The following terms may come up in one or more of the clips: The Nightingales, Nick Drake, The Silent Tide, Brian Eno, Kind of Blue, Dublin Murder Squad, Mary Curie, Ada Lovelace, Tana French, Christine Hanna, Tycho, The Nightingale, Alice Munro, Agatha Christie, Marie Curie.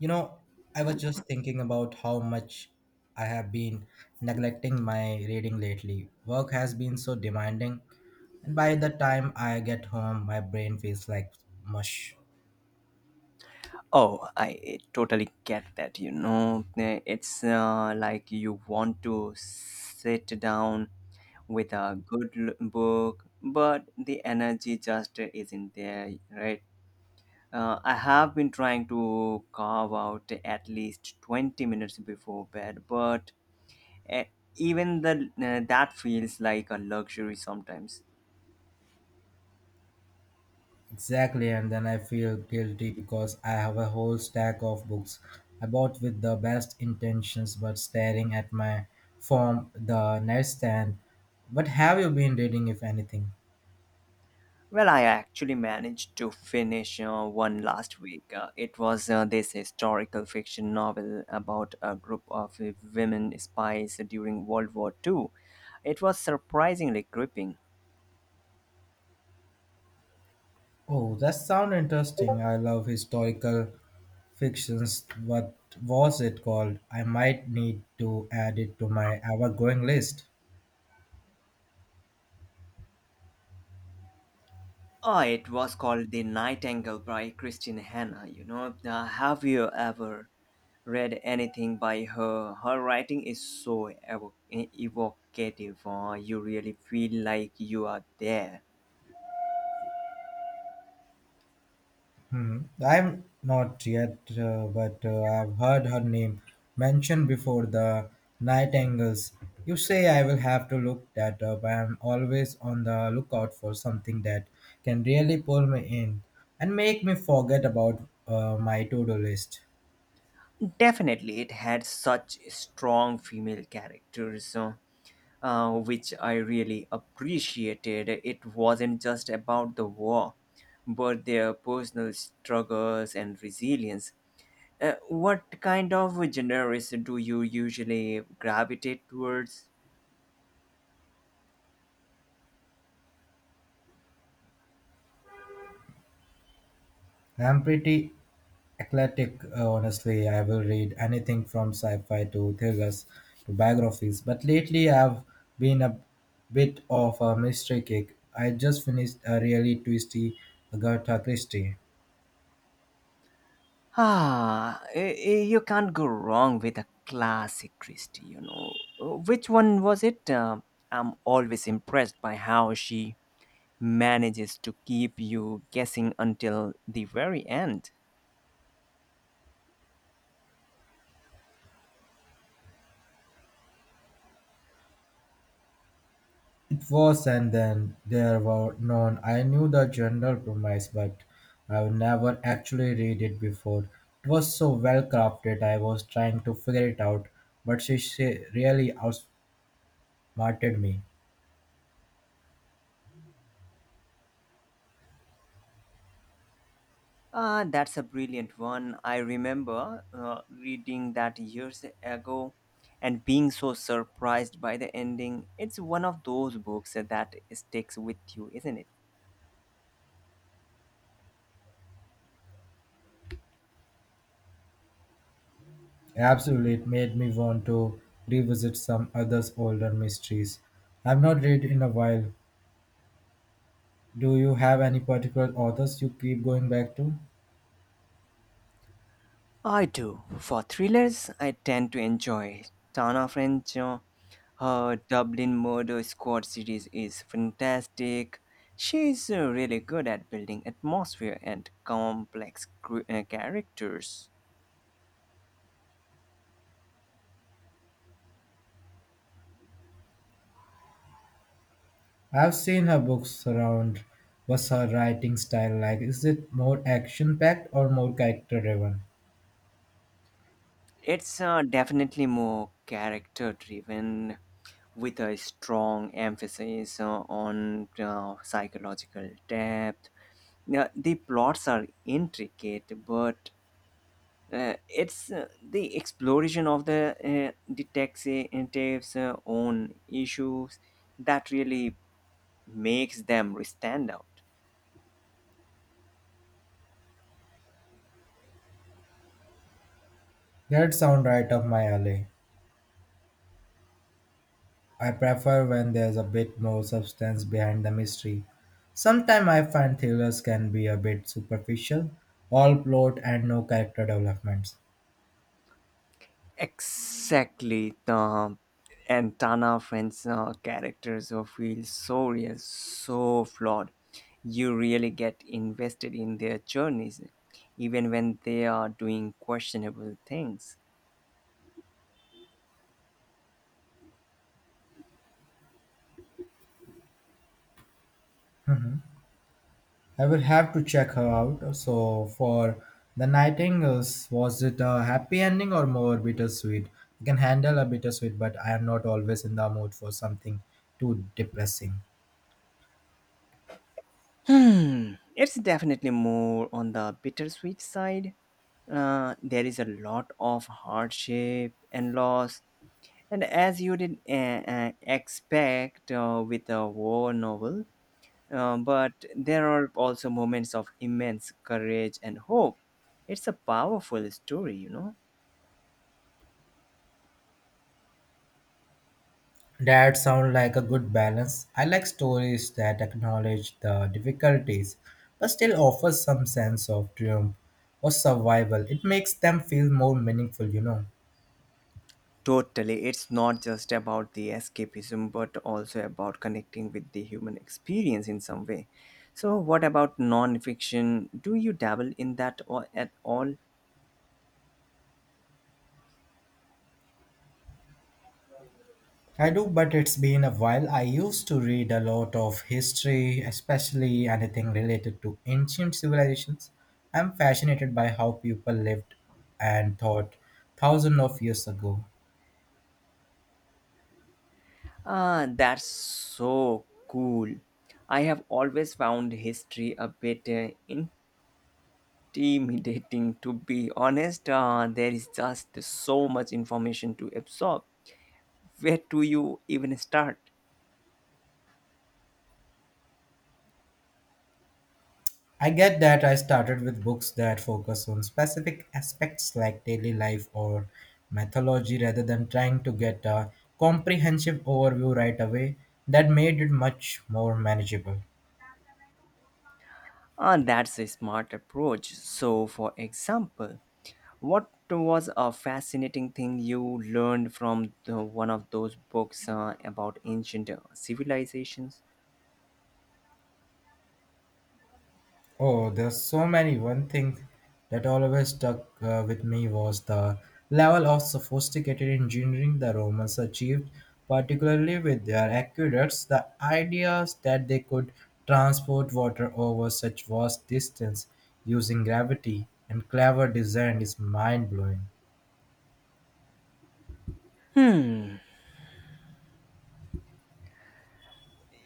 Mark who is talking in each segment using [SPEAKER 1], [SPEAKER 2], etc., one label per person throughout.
[SPEAKER 1] You know, I was just thinking about how much I have been neglecting my reading lately. Work has been so demanding, and by the time I get home, my brain feels like mush.
[SPEAKER 2] Oh, I totally get that. You know, Eh, it's Like you want to sit down with a book, but the energy just isn't there, right? I have been trying to carve out at least 20 minutes before bed, but eh, even the, that feels like a luxury sometimes.
[SPEAKER 1] Exactly, and then I feel guilty because I have a whole stack of books I bought with the best intentions but staring at my phone the nightstand. What have you been reading, if anything?
[SPEAKER 2] Well, I actually managed to finish one last week. It was this historical fiction novel about a group of women spies during World War II. It was surprisingly gripping.
[SPEAKER 1] Oh, that sounds interesting. I love historical fictions. What was it called? I might need to add it to my ever-growing list.
[SPEAKER 2] Oh, it was called The Nightingale by Christine Hanna. Have you ever read anything by her? Her writing is so evocative. You really feel like you are there.
[SPEAKER 1] Hmm. I'm not yet, but I've heard her name mentioned before the Nightingales. You say I will have to look that up. I'm always on the lookout for something that can really pull me in and make me forget about my to-do list.
[SPEAKER 2] Definitely, it had such strong female characters, which I really appreciated. It wasn't just about the war, but their personal struggles and resilience. What kind of genres do you usually gravitate towards?
[SPEAKER 1] I'm pretty eclectic, honestly. I will read anything from sci-fi to thrillers to biographies. But lately, I've been a bit of a mystery kick. I just finished a really twisty Agatha Christie.
[SPEAKER 2] You can't go wrong with a classic Christie, you know. Which one was it? I'm always impressed by how she manages to keep you guessing until the very end.
[SPEAKER 1] It was, and then there were none. I knew the general premise, but I would never actually read it before. It was so well crafted. I was trying to figure it out, but she really outsmarted me.
[SPEAKER 2] Ah, that's a brilliant one. I remember reading that years ago and being so surprised by the ending. It's one of those books that sticks with you, isn't it?
[SPEAKER 1] Absolutely, it made me want to revisit some others older mysteries. I've not read in a while. Do you have any particular authors you keep going back to?
[SPEAKER 2] I do. For thrillers, I tend to enjoy Tana French. Her Dublin Murder Squad series is fantastic. She's really good at building atmosphere and complex characters.
[SPEAKER 1] I've seen her books around. What's her writing style like? Is it more action-packed or more character-driven?
[SPEAKER 2] It's definitely more character driven with a strong emphasis on psychological depth. Now, the plots are intricate but it's the exploration of the detectives' own issues that really makes them stand out.
[SPEAKER 1] That sound right up my alley. I prefer when there's a bit more substance behind the mystery. Sometimes I find thrillers can be a bit superficial, all plot and no character developments.
[SPEAKER 2] Exactly, the and Tana Friend's characters are feel so real, so flawed. You really get invested in their journeys, even when they are doing questionable things.
[SPEAKER 1] I will have to check her out. So, for The Nightingales, was it a happy ending or more bittersweet? I can handle a bittersweet, but I am not always in the mood for something too depressing.
[SPEAKER 2] Hmm, it's definitely more on the bittersweet side. There is a lot of hardship and loss. And as you did expect with a war novel, but there are also moments of immense courage and hope. It's a powerful story, you know.
[SPEAKER 1] That sounds like a good balance. I like stories that acknowledge the difficulties, but still offer some sense of triumph or survival. It makes them feel more meaningful, you know.
[SPEAKER 2] Totally. It's not just about the escapism, but also about connecting with the human experience in some way. So, what about non fiction? Do you dabble in that or at all?
[SPEAKER 1] I do, but it's been a while. I used to read a lot of history, especially anything related to ancient civilizations. I'm fascinated by how people lived and thought thousands of years ago.
[SPEAKER 2] Ah, that's so cool. I have always found history a bit intimidating, to be honest. There is just so much information to absorb. Where do you even start?
[SPEAKER 1] I get that I started with books that focus on specific aspects like daily life or mythology rather than trying to get a comprehensive overview right away. That made it much more manageable.
[SPEAKER 2] Ah, that's a smart approach. So, for example, what was a fascinating thing you learned from one of those books about ancient civilizations?
[SPEAKER 1] Oh, there's so many. One thing that always stuck with me was the level of sophisticated engineering the Romans achieved, particularly with their aqueducts. The ideas that they could transport water over such vast distance using gravity and clever design is mind blowing.
[SPEAKER 2] Hmm.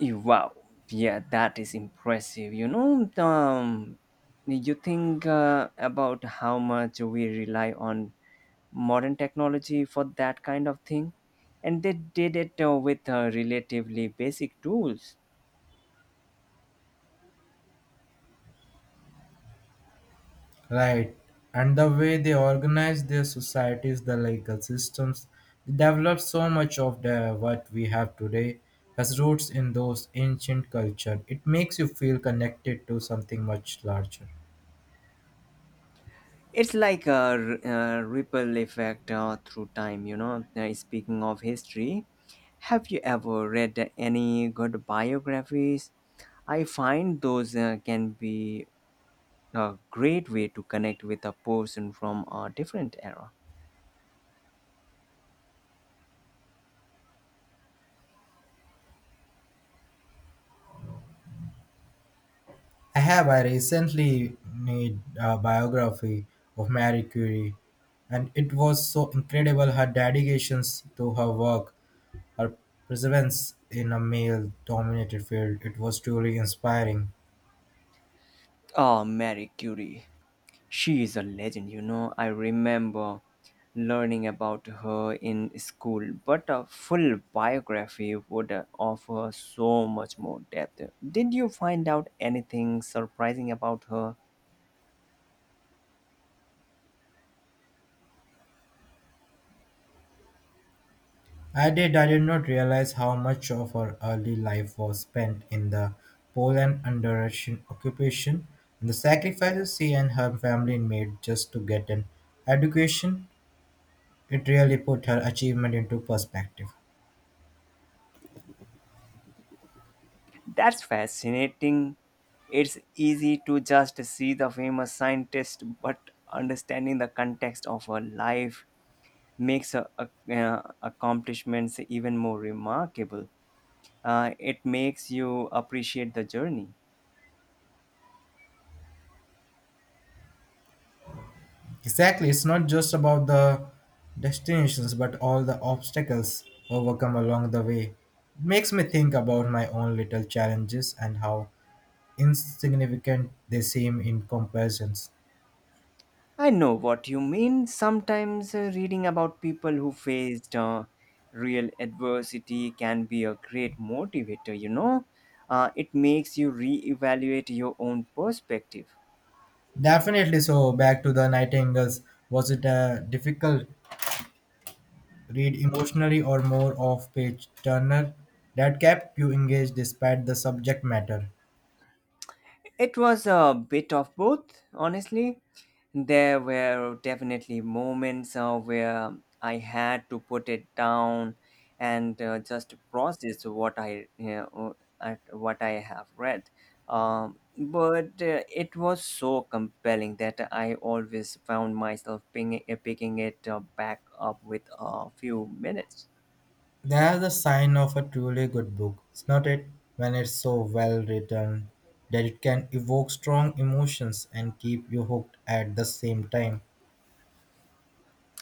[SPEAKER 2] Wow, yeah, that is impressive. You think about how much we rely on modern technology for that kind of thing, and they did it with relatively basic tools.
[SPEAKER 1] Right. And the way they organize their societies, the legal systems, they developed so much of the what we have today has roots in those ancient culture. It makes you feel connected to something much larger.
[SPEAKER 2] It's like a ripple effect through time, you know. Speaking of history, have you ever read any good biographies? I find those can be a great way to connect with a person from a different era.
[SPEAKER 1] I have I recently made a biography of Marie Curie and it was so incredible her dedications to her work, her perseverance in a male dominated field. It was truly inspiring.
[SPEAKER 2] Oh, Marie Curie. She is a legend, you know. I remember learning about her in school, but a full biography would offer so much more depth. Did you find out anything surprising about her?
[SPEAKER 1] I did. I did not realize how much of her early life was spent in the Poland under Russian occupation and the sacrifices she and her family made just to get an education. It really put her achievement into perspective.
[SPEAKER 2] That's fascinating. It's easy to just see the famous scientist, but understanding the context of her life makes accomplishments even more remarkable. It makes you appreciate the journey.
[SPEAKER 1] Exactly, it's not just about the destinations but all the obstacles overcome along the way. It makes me think about my own little challenges and how insignificant they seem in comparisons.
[SPEAKER 2] I know what you mean. Sometimes reading about people who faced real adversity can be a great motivator, you know. It makes you reevaluate your own perspective.
[SPEAKER 1] Definitely. So back to the Nightingales. Was it a difficult read emotionally or more of page turner that kept you engaged despite the subject matter?
[SPEAKER 2] It was a bit of both, honestly. There were definitely moments where I had to put it down and just process what I you know, at what I have read. But It was so compelling that I always found myself picking it back up with a few minutes.
[SPEAKER 1] That's a sign of a truly good book, is not it? When it's so well written that it can evoke strong emotions and keep you hooked at the same time.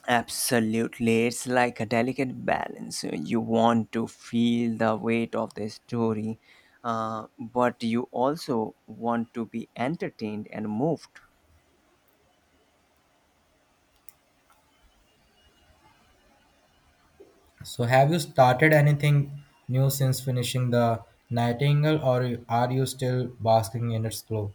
[SPEAKER 2] Absolutely. It's like a delicate balance. You want to feel the weight of the story, but you also want to be entertained and moved.
[SPEAKER 1] So have you started anything new since finishing the Nightingale or are you still basking in its glow?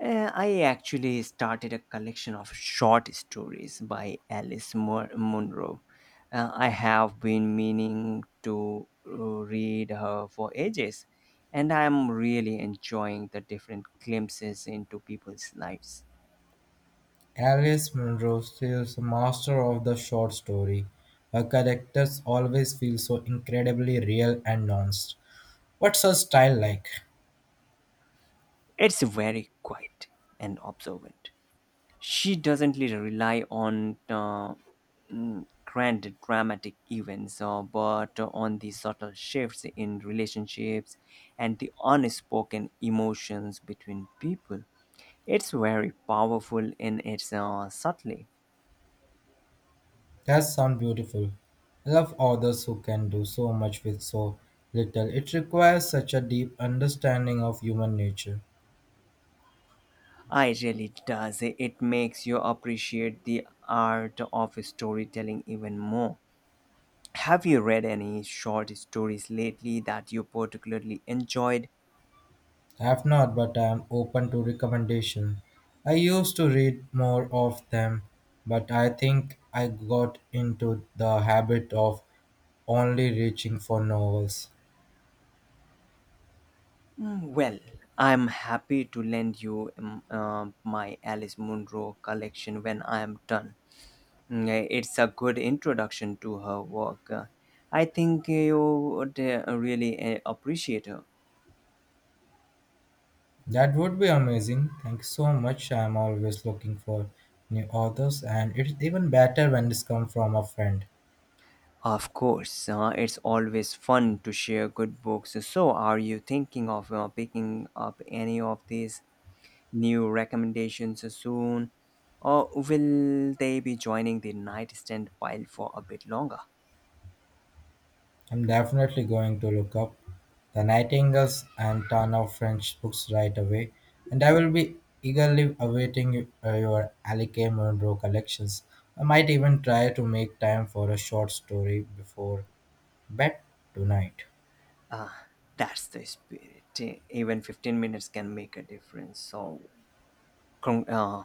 [SPEAKER 2] I actually started a collection of short stories by Munro. I have been meaning to read her for ages, and I'm really enjoying the different glimpses into people's lives.
[SPEAKER 1] Alice Munro is a master of the short story. Her characters always feel so incredibly real and nuanced. What's her style like?
[SPEAKER 2] It's very quiet and observant. She doesn't really rely on grand dramatic events, but on the subtle shifts in relationships and the unspoken emotions between people. It's very powerful in its subtlety.
[SPEAKER 1] That sounds beautiful. I love authors who can do so much with so little. It requires such a deep understanding of human nature.
[SPEAKER 2] I really does. It makes you appreciate the art of storytelling even more. Have you read any short stories lately that you particularly enjoyed?
[SPEAKER 1] I have not, but I am open to recommendation. I used to read more of them, but I think I got into the habit of only reaching for novels.
[SPEAKER 2] Well, I'm happy to lend you my Alice Munro collection when I am done. It's a good introduction to her work. I think you would really appreciate her.
[SPEAKER 1] That would be amazing. Thank you so much. I am always looking for new authors, and it's even better when this comes from a friend.
[SPEAKER 2] Of course, it's always fun to share good books. So, are you thinking of picking up any of these new recommendations soon? Or will they be joining the nightstand pile for a bit longer?
[SPEAKER 1] I'm definitely going to look up The Nightingales and ton of French books right away, and I will be eagerly awaiting your Alec A. Munro collections. I might even try to make time for a short story before bed tonight.
[SPEAKER 2] Ah, that's the spirit. Even 15 minutes can make a difference. So, con- uh,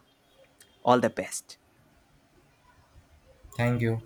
[SPEAKER 2] all the best.
[SPEAKER 1] Thank you.